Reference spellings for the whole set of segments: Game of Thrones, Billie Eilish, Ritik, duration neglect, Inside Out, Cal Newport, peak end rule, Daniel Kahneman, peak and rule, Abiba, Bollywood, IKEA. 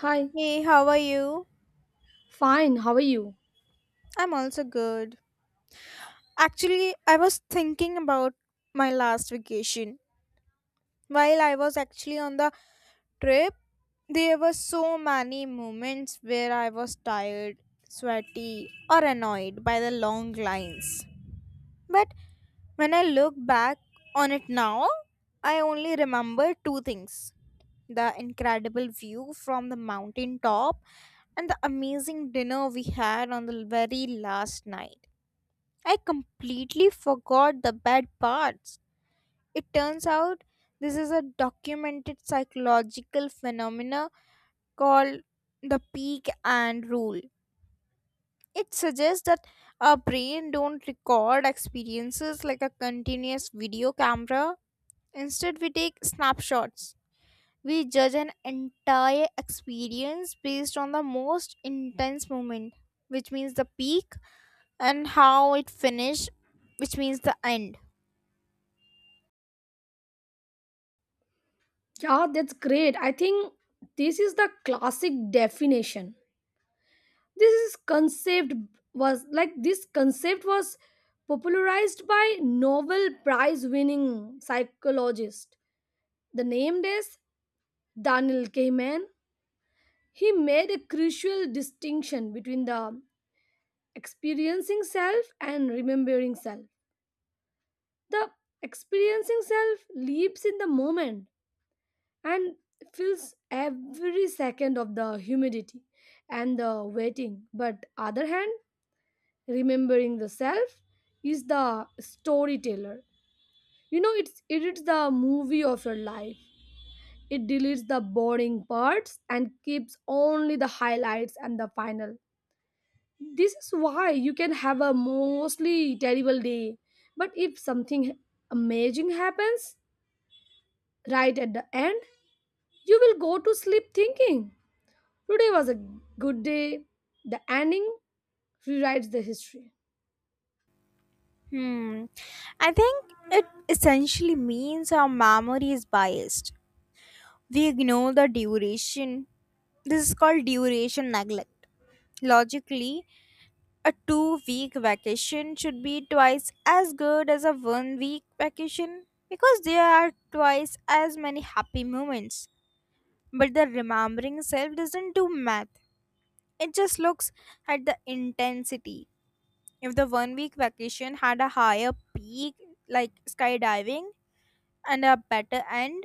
Hi, Hey, how are you? fine, how are you? I'm also good. Actually, I was thinking about my last vacation. While I was actually on the trip, there were so many moments where I was tired, sweaty, or annoyed by the long lines. But when I look back on it now, I only remember two things: the incredible view from the mountain top and the amazing dinner we had on the very last night. I completely forgot the bad parts. It turns out this is a documented psychological phenomena called the peak and rule. It suggests that our brain don't record experiences like a continuous video camera. Instead, we take snapshots. We judge an entire experience based on the most intense moment, which means the peak, and how it finished, which means the end. Yeah, that's great. I think this is the classic definition. This is concept this concept was popularized by Nobel Prize winning psychologist. The named is Daniel Kahneman. He made a crucial distinction between the experiencing self and remembering self. The experiencing self lives in the moment and fills every second of the humidity and the waiting but other hand remembering the self is the storyteller. It's the movie of your life. It deletes the boring parts and keeps only the highlights and the final. This is why you can have a mostly terrible day, but if something amazing happens right at the end, you will go to sleep thinking today was a good day. The ending rewrites the history. Hmm. I think it essentially means our memory is biased. We ignore the duration. This is called duration neglect. Logically, a 2 week vacation should be twice as good as a 1 week vacation because there are twice as many happy moments. But the remembering self doesn't do math, it just looks at the intensity. If the 1 week vacation had a higher peak, like skydiving, and a better end,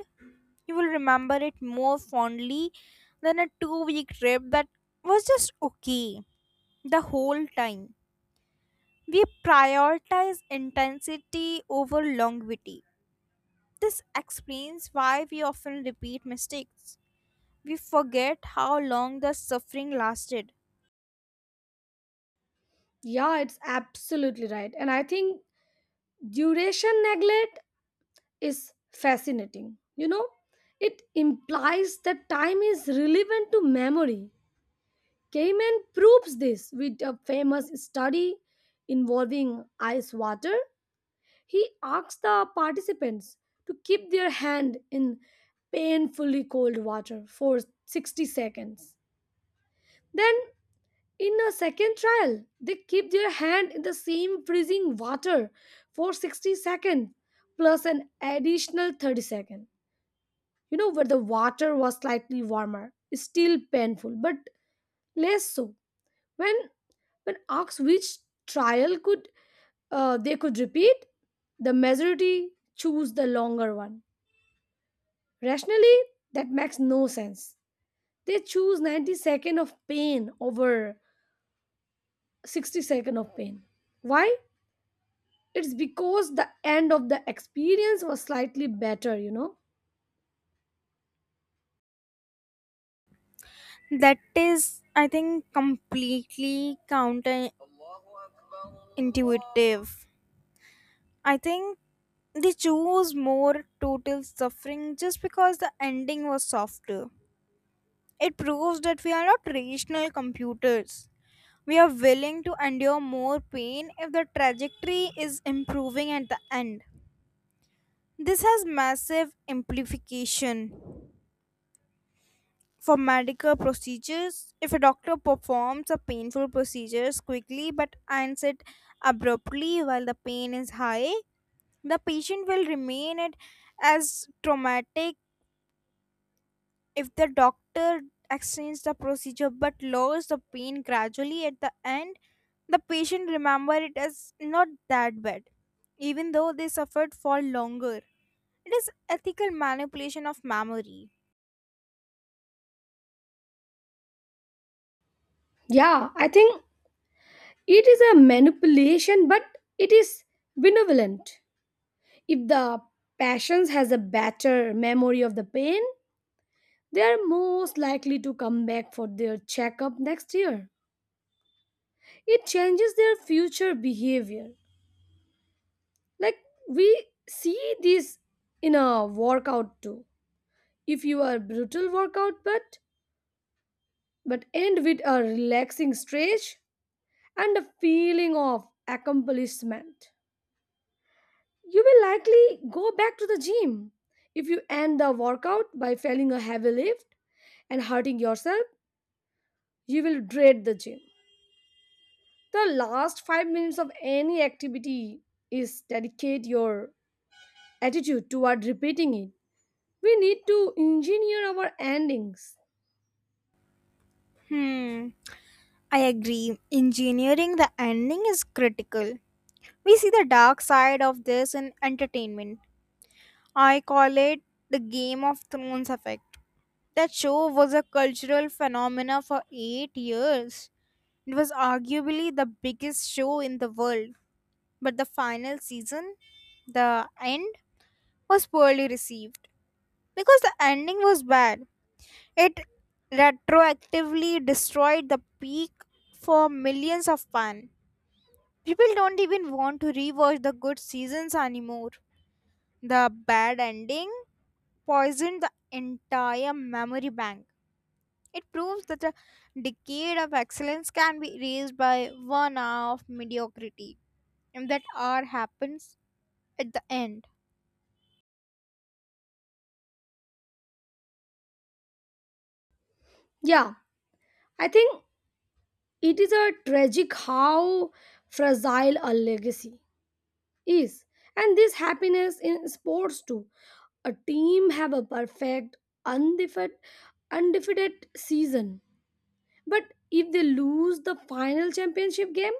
you will remember it more fondly than a 2 week trip that was just okay the whole time. We prioritize intensity over longevity. This explains why we often repeat mistakes. We forget how long the suffering lasted. Yeah, it's absolutely right. And I think duration neglect is fascinating. It implies that time is relevant to memory. Gaiman proves this with a famous study involving ice water. He asks the participants to keep their hand in painfully cold water for 60 seconds. Then, in a second trial, they keep their hand in the same freezing water for 60 seconds plus an additional 30 seconds, where the water was slightly warmer, it's still painful, but less so. When when asked which trial could they could repeat, the majority choose the longer one. Rationally, that makes no sense. They choose 90 seconds of pain over 60 seconds of pain. Why? It's because the end of the experience was slightly better. That is, I think, completely counterintuitive. I think they chose more total suffering just because the ending was softer. It proves that we are not rational computers. We are willing to endure more pain if the trajectory is improving at the end. This has massive implication for medical procedures. If a doctor performs a painful procedure quickly but ends it abruptly while the pain is high, the patient will remain it as traumatic. If the doctor extends the procedure but lowers the pain gradually at the end, the patient remember it as not that bad, even though they suffered for longer. It is ethical manipulation of memory. Yeah, I think it is a manipulation, but it is benevolent. If the passions has a better memory of the pain, they are most likely to come back for their checkup next year. It changes their future behavior, like we see this in a workout too. If you are brutal workout, but end with a relaxing stretch and a feeling of accomplishment. You will likely go back to the gym if you end the workout by failing a heavy lift and hurting yourself. You will dread the gym. The last 5 minutes of any activity is dedicate your attitude toward repeating it. We need to engineer our endings. Hmm, I agree. Engineering the ending is critical. We see the dark side of this in entertainment. I call it the Game of Thrones effect. That show was a cultural phenomena for 8 years. It was arguably the biggest show in the world, but the final season, the end, was poorly received. Because the ending was bad, it retroactively destroyed the peak for millions of fans. People don't even want to rewatch the good seasons anymore. The bad ending poisoned the entire memory bank. It proves that a decade of excellence can be erased by 1 hour of mediocrity, and that hour happens at the end. Yeah, I think it is a tragic how fragile a legacy is, and this happiness in sports too. A team have a perfect undefeated undefeated season, but if they lose the final championship game,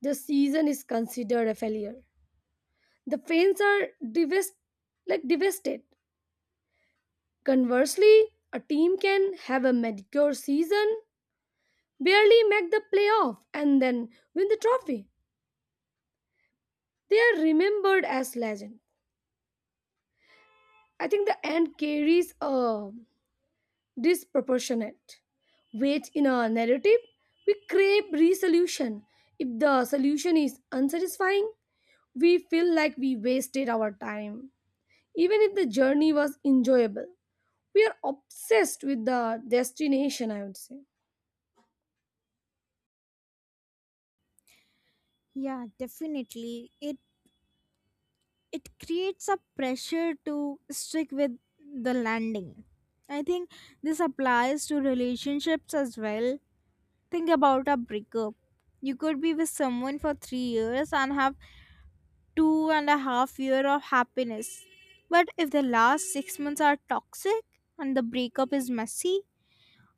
the season is considered a failure. The fans are devast- like devastated. Conversely, a team can have a mediocre season, barely make the playoff, and then win the trophy. They are remembered as legend. I think the end carries a disproportionate weight in a narrative. We crave resolution. If the solution is unsatisfying, we feel like we wasted our time. Even if the journey was enjoyable, we are obsessed with the destination, I would say. Yeah, definitely. It creates a pressure to stick with the landing. I think this applies to relationships as well. Think about a breakup. You could be with someone for 3 years and have two and a half year of happiness. But if the last 6 months are toxic and the breakup is messy,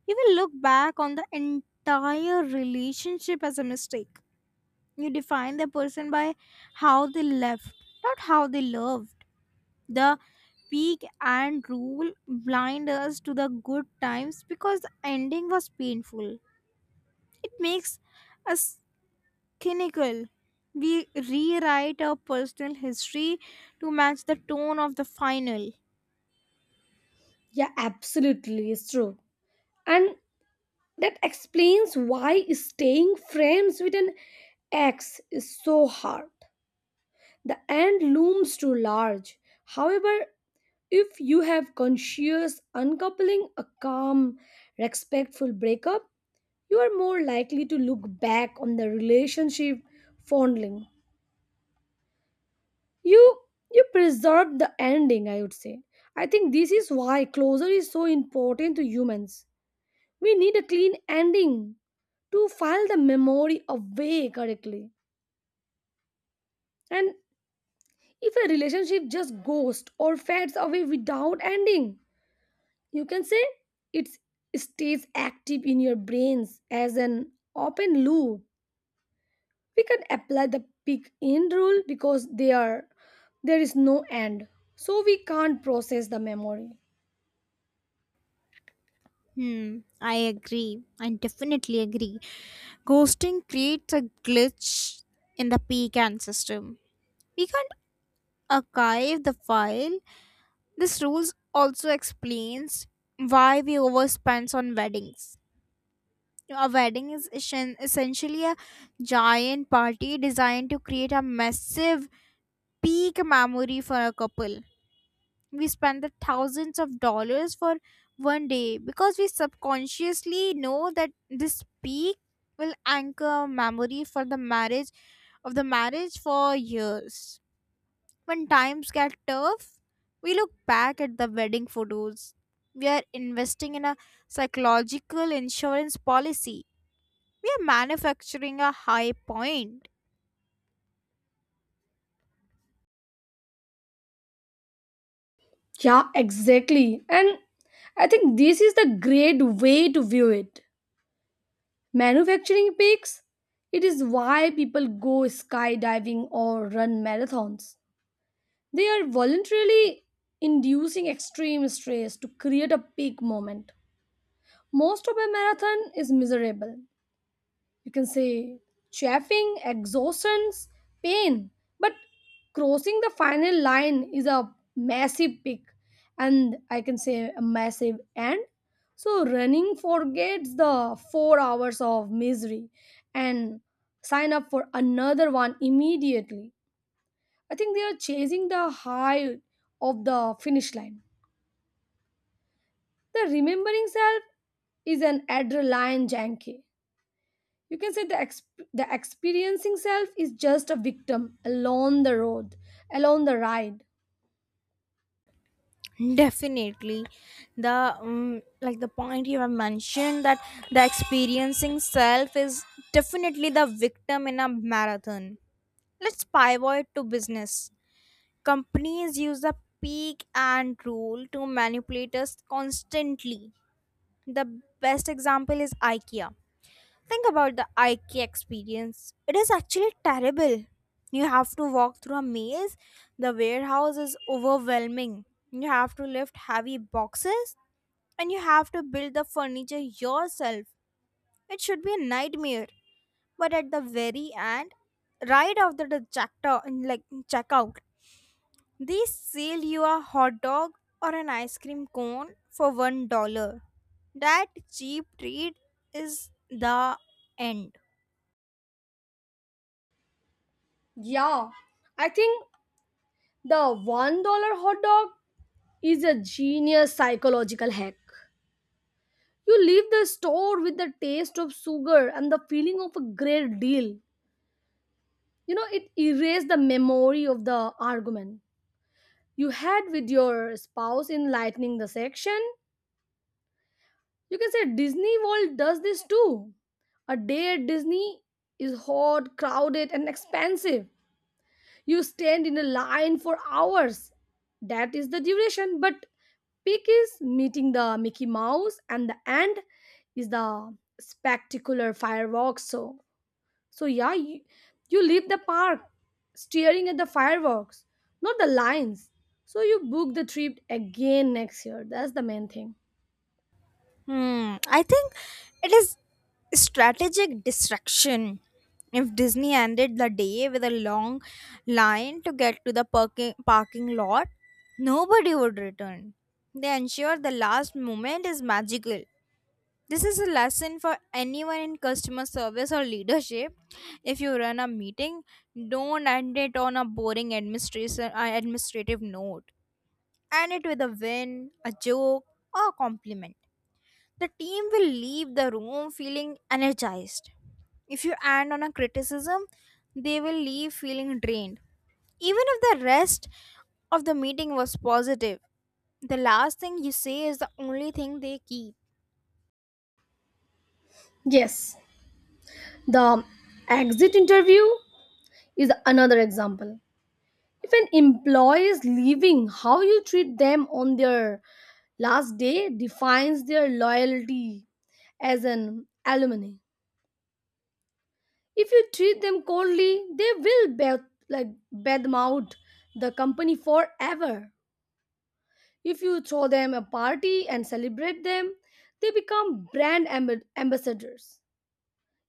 you will look back on the entire relationship as a mistake. You define the person by how they left, not how they loved. The peak and rule blind us to the good times because the ending was painful. It makes us cynical. We rewrite our personal history to match the tone of the final. Yeah, absolutely, it's true. And that explains why staying friends with an X is so hard. The end looms too large. However, if you have conscious uncoupling, a calm, respectful breakup, you are more likely to look back on the relationship fondling. You you preserve the ending, I would say. I think this is why closure is so important to humans. We need a clean ending to file the memory away correctly. And if a relationship just ghosts or fades away without ending, you can say it stays active in your brains as an open loop. We can apply the peak end rule because they are there is no end, so we can't process the memory. Hmm, I agree. I definitely agree. Ghosting creates a glitch in the pecan system. We can't archive the file. This rule also explains why we overspend on weddings. A wedding is essentially a giant party designed to create a massive peak memory for a couple. We spend the thousands of dollars for one day because we subconsciously know that this peak will anchor memory for the marriage for years. When times get tough, we look back at the wedding photos. We are investing in a psychological insurance policy. We are manufacturing a high point. Yeah, exactly. And I think this is the great way to view it, manufacturing peaks. It is why people go skydiving or run marathons. They are voluntarily inducing extreme stress to create a peak moment. Most of a marathon is miserable. You can say chafing, exhaustion, pain. But crossing the final line is a massive peak, and I can say a massive end. So running forgets the 4 hours of misery and sign up for another one immediately. I think they are chasing the high of the finish line. The remembering self is an adrenaline junkie. You can say the experiencing self is just a victim along the ride. Definitely, the like, the point you have mentioned that the experiencing self is definitely the victim in a marathon. Let's pivot to business. Companies use the peak and rule to manipulate us constantly. The best example is IKEA. Think about the IKEA experience. It is actually terrible. You have to walk through a maze. The warehouse is overwhelming. You have to lift heavy boxes and you have to build the furniture yourself. It should be a nightmare. But at the very end, right after the chapter, like checkout, they sell you a hot dog or an ice cream cone for $1. That cheap treat is the end. Yeah, I think the $1 hot dog is a genius psychological hack. You leave the store with the taste of sugar and the feeling of a great deal. It erased the memory of the argument you had with your spouse in lightening the section. You can say Disney World does this too. A day at Disney is hot, crowded, and expensive. You stand in a line for hours. That is the duration. But peak is meeting the Mickey Mouse, and the end is the spectacular fireworks. So yeah, you leave the park staring at the fireworks, not the lines. So you book the trip again next year. That's the main thing. Hmm. I think it is strategic distraction. If Disney ended the day with a long line to get to the parking lot, nobody would return. They ensure the last moment is magical. This is a lesson for anyone in customer service or leadership. If you run a meeting, don't end it on a boring administrative note. End it with a win, a joke, or a compliment. The team will leave the room feeling energized. If you end on a criticism, they will leave feeling drained. Even if the rest of the meeting was positive, the last thing you say is the only thing they keep. Yes. The exit interview is another example. If an employee is leaving, how you treat them on their last day defines their loyalty as an alumni. If you treat them coldly, they will badmouth the company forever. If you throw them a party and celebrate them, they become brand ambassadors.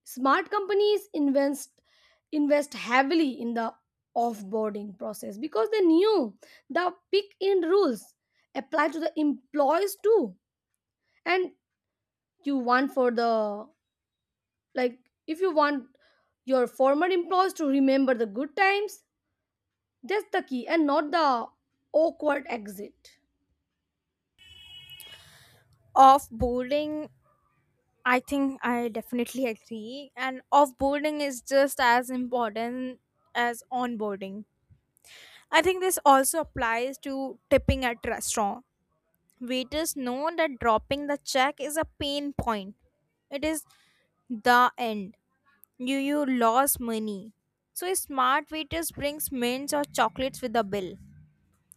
Smart companies invest heavily in the offboarding process because they knew the pick in rules apply to the employees too. And you want for the, like, if you want your former employees to remember the good times, that's the key, and not the awkward exit. Offboarding, I think I definitely agree. And offboarding is just as important as onboarding. I think this also applies to tipping at restaurant. Waiters know that dropping the check is a pain point. It is the end. You lost money. So a smart waiters brings mints or chocolates with the bill.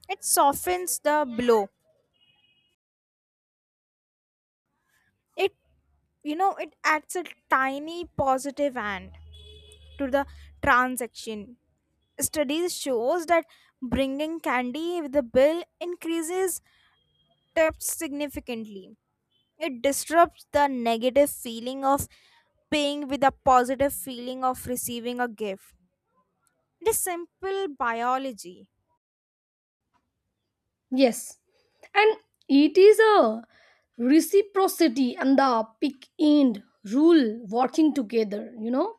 It softens the blow. It, you know, it adds a tiny positive hand to the transaction. Studies shows that bringing candy with the bill increases tips significantly. It disrupts the negative feeling of paying with a positive feeling of receiving a gift. It is simple biology. Yes, and it is a reciprocity and the pick end rule working together.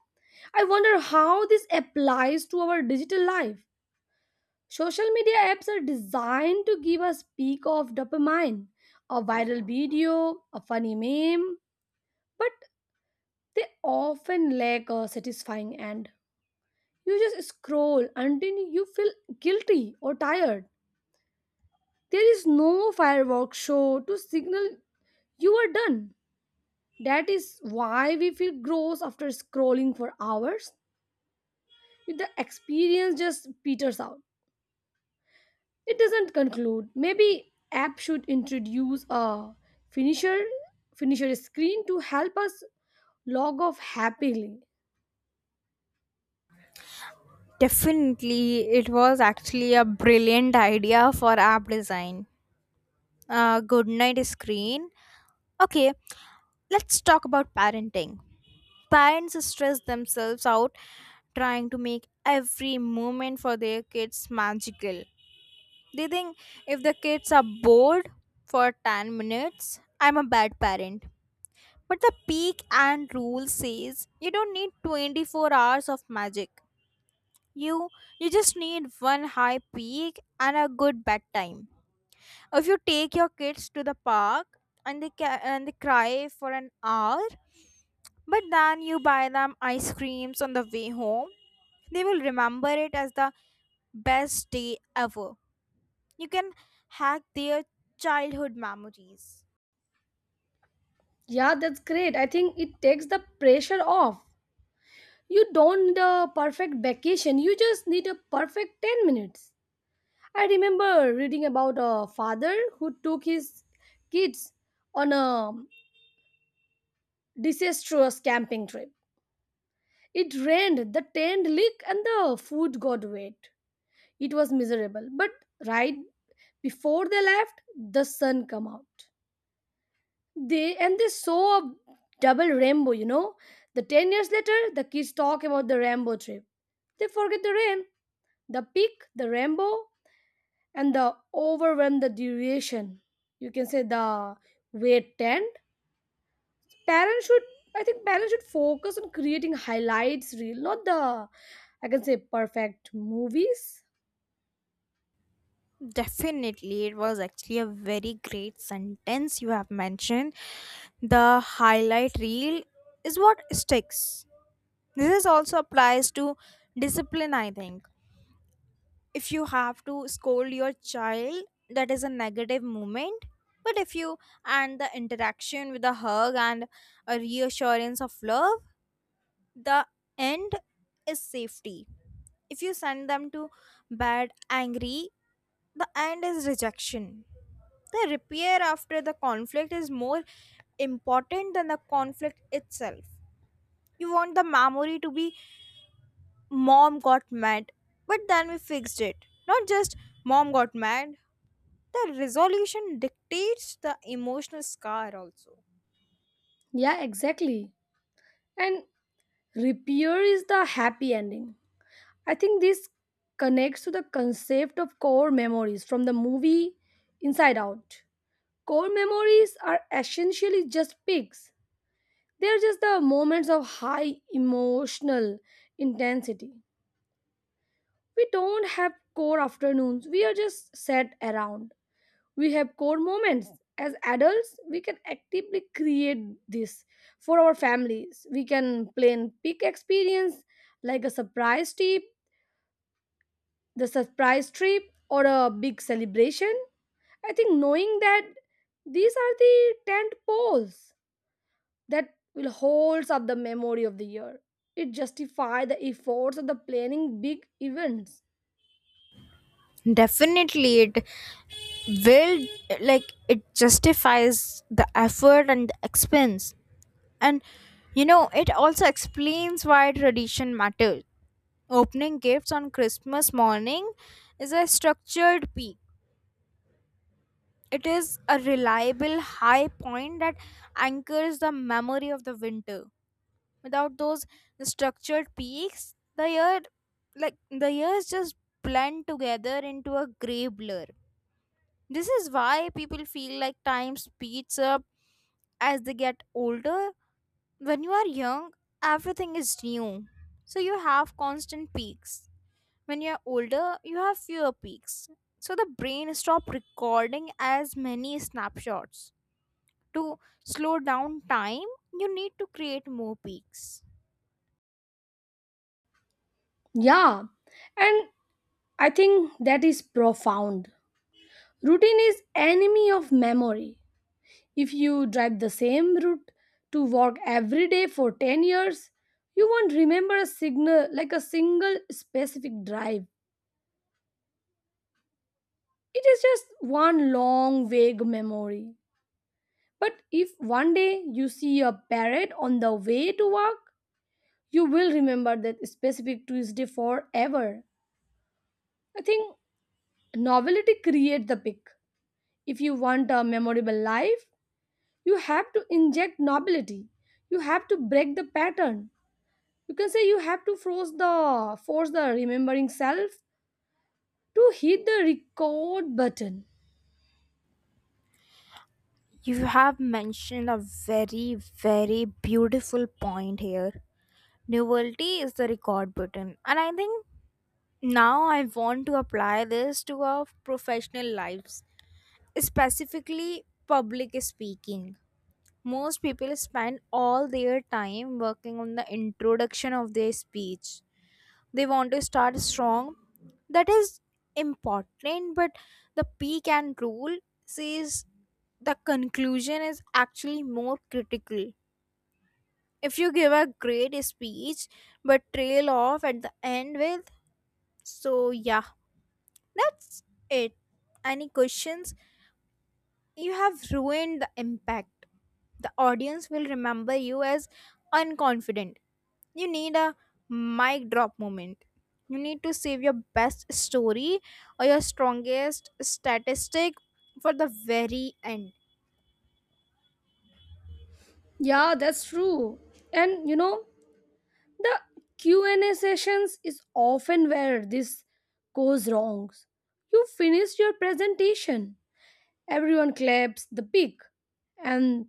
I wonder how this applies to our digital life. Social media apps are designed to give us peak of dopamine, a viral video, a funny meme, but they often lack a satisfying end. You just scroll until you feel guilty or tired. There is no fireworks show to signal you are done. That is why we feel gross after scrolling for hours. The experience just peters out. It doesn't conclude. Maybe app should introduce a finisher finisher screen to help us log off happily. Definitely, it was actually a brilliant idea for app design. Good night screen. Okay, let's talk about parenting. Parents stress themselves out trying to make every moment for their kids magical. They think if the kids are bored for 10 minutes, I'm a bad parent. But the peak and rule says you don't need 24 hours of magic. You you just need one high peak and a good bedtime. If you take your kids to the park and they cry for an hour, but then you buy them ice creams on the way home, they will remember it as the best day ever. You can hack their childhood memories. Yeah, that's great. I think it takes the pressure off. You don't need a perfect vacation. You just need a perfect 10 minutes. I remember reading about a father who took his kids on a disastrous camping trip. It rained, the tent leaked, and the food got wet. It was miserable. But right before they left, the sun came out. They saw a double rainbow. The 10 years later, the kids talk about the rainbow trip. They forget the rain, the peak, the rainbow, and the overwhelm the duration. You can say the wet tent. Parents should, I think, parents should focus on creating highlights reel, not the, I can say, perfect movies. Definitely, it was actually a very great sentence you have mentioned. The highlight reel is what sticks. This is also applies to discipline, I think. If you have to scold your child, that is a negative moment. But if you and the interaction with a hug and a reassurance of love, the end is safety. If you send them to bed angry, the end is rejection. The repair after the conflict is more important than the conflict itself. You want the memory to be mom got mad but then we fixed it, not just mom got mad. The resolution dictates the emotional scar also. Yeah, exactly. And repair is the happy ending. I think this connects to the concept of core memories from the movie Inside Out. Core memories are essentially just pics. They're just the moments of high emotional intensity. We don't have core afternoons. We are just sat around. We have core moments. As adults, we can actively create this for our families. We can plan big experience, like a surprise trip the surprise trip or a big celebration. I think knowing that these are the tent poles that will hold up the memory of the year, it justifies the efforts of the planning big events. Definitely it will, like, it justifies the effort and the expense, and you know it also explains why tradition matters. Opening gifts on Christmas morning is a structured peak. It is a reliable high point that anchors the memory of the winter. Without those structured peaks, like the years just blend together into a gray blur. This is why people feel like time speeds up as they get older. When you are young, everything is new. So you have constant peaks. When you are older, you have fewer peaks. So the brain stops recording as many snapshots. To slow down time, you need to create more peaks. Yeah, and I think that is profound. Routine is enemy of memory. If you drive the same route to work every day for 10 years, you won't remember a signal like a single specific drive. It is just one long vague memory. But if one day you see a parrot on the way to work, you will remember that specific Tuesday forever. I think novelty creates the pick. If you want a memorable life, you have to inject novelty. You have to break the pattern. You can say you have to force the remembering self to hit the record button. You have mentioned a very, very beautiful point here. Novelty is the record button, and I think now I want to apply this to our professional lives, specifically public speaking. Most people spend all their time working on the introduction of their speech. They want to start strong. That is important, but the peak and rule says the conclusion is actually more critical. If you give a great speech but trail off at the end with, so yeah, that's it. Any questions? You have ruined the impact. The audience will remember you as unconfident. You need a mic drop moment. You need to save your best story or your strongest statistic for the very end. Yeah, that's true. And the Q&A sessions is often where this goes wrong. You finish your presentation. Everyone claps the pic, and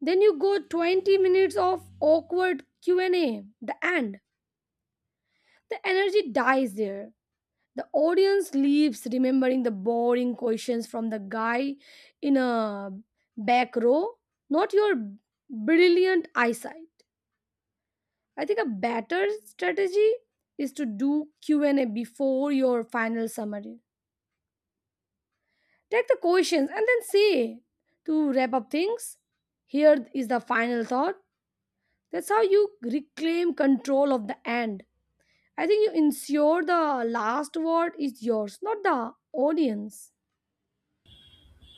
then you go 20 minutes of awkward Q&A, the end. The energy dies there. The audience leaves remembering the boring questions from the guy in a back row, not your brilliant eyesight. I think a better strategy is to do Q&A before your final summary. Take the questions and then say, to wrap up things, here is the final thought. That's how you reclaim control of the end. I think you ensure the last word is yours, not the audience.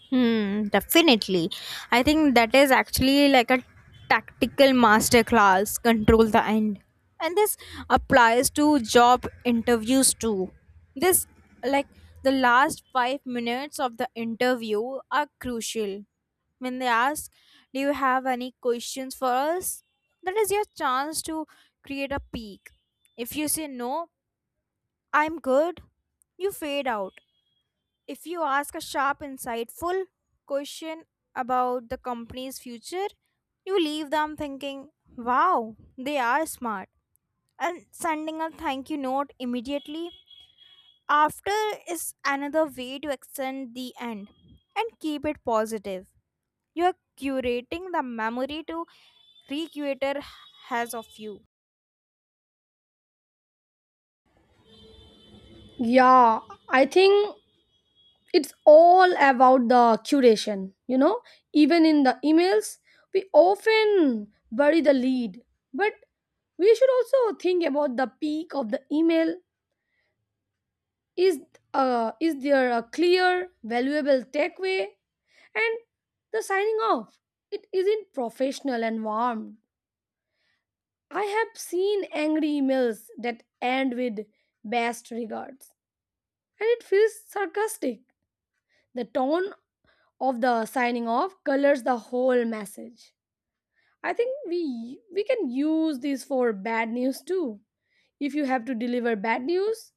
Hmm, definitely. I think that is actually like a tactical masterclass, control the end. And this applies to job interviews too. This, like, the last 5 minutes of the interview are crucial. When they ask, do you have any questions for us? That is your chance to create a peak. If you say no, I'm good, you fade out. If you ask a sharp, insightful question about the company's future, you leave them thinking, wow, they are smart. And sending a thank you note immediately after is another way to extend the end and keep it positive. You are curating the memory to recurator has of you. Yeah, I think it's all about the curation. Even in the emails, we often bury the lead. But we should also think about the peak of the email. Is is there a clear, valuable takeaway? And the signing off. It isn't professional and warm. I have seen angry emails that end with best regards, and it feels sarcastic. The tone of the signing off colors the whole message. I think we can use this for bad news too. If you have to deliver bad news,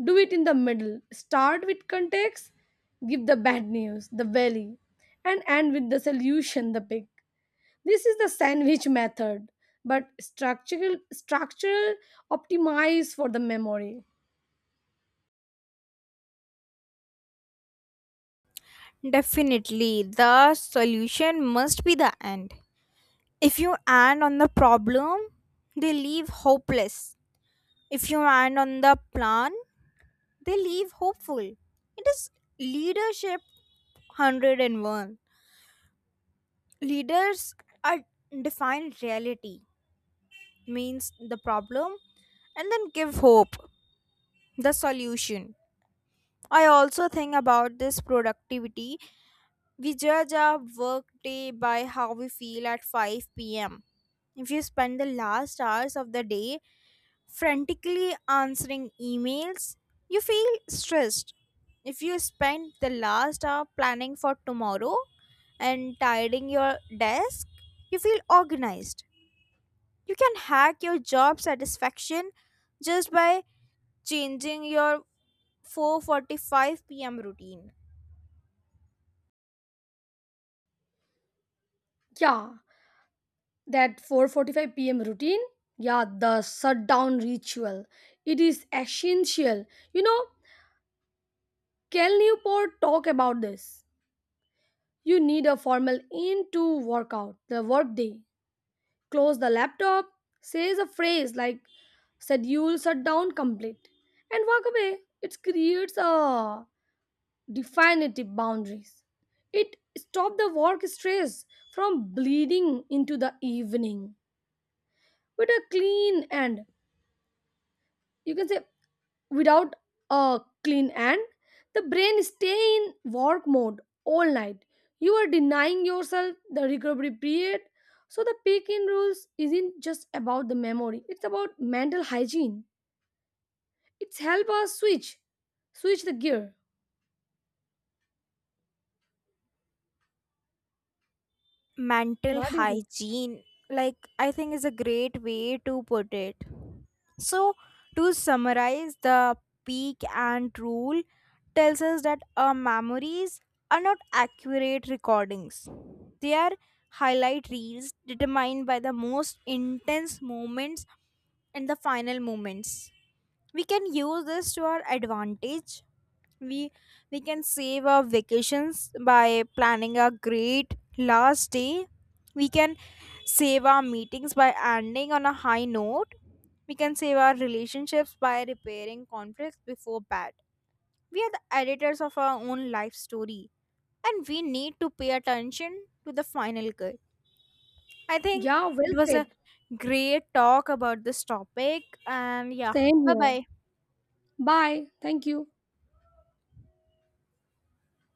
do it in the middle. Start with context, give the bad news, the belly, and end with the solution, the pick. This is the sandwich method, but structural optimized for the memory. Definitely, the solution must be the end. If you end on the problem, they leave hopeless. If you land on the plan, they leave hopeful. It is leadership 101. Leaders are define reality, means the problem, and then give hope, the solution. I also think about this productivity. We judge our work day by how we feel at 5 pm. If you spend the last hours of the day frantically answering emails, you feel stressed. If you spend the last hour planning for tomorrow and tidying your desk, you feel organized. You can hack your job satisfaction just by changing your 4:45 p.m. routine. Yeah, that 4:45 p.m. routine, yeah, the shutdown ritual. It is essential. You know, Cal Newport talk about this. You need a formal in to work out the workday. Close the laptop, says a phrase like schedule shutdown complete, and walk away. It creates a definitive boundaries. It stops the work stress from bleeding into the evening with a clean, and you can say without a clean hand, the brain stay in work mode all night. You are denying yourself the recovery period. So the peak in rules isn't just about the memory, it's about mental hygiene. It's help us switch the gear. Mental What do you think? hygiene, like, I think is a great way to put it. So, to summarize, the peak and rule tells us that our memories are not accurate recordings. They are highlight reels determined by the most intense moments and the final moments. We can use this to our advantage. We we can save our vacations by planning a great last day. We can save our meetings by ending on a high note. We can save our relationships by repairing conflicts before bad. We are the editors of our own life story and we need to pay attention to the final cut. I think Yeah, it well was a said. great talk about this topic and yeah, Same bye here. bye. Bye, thank you.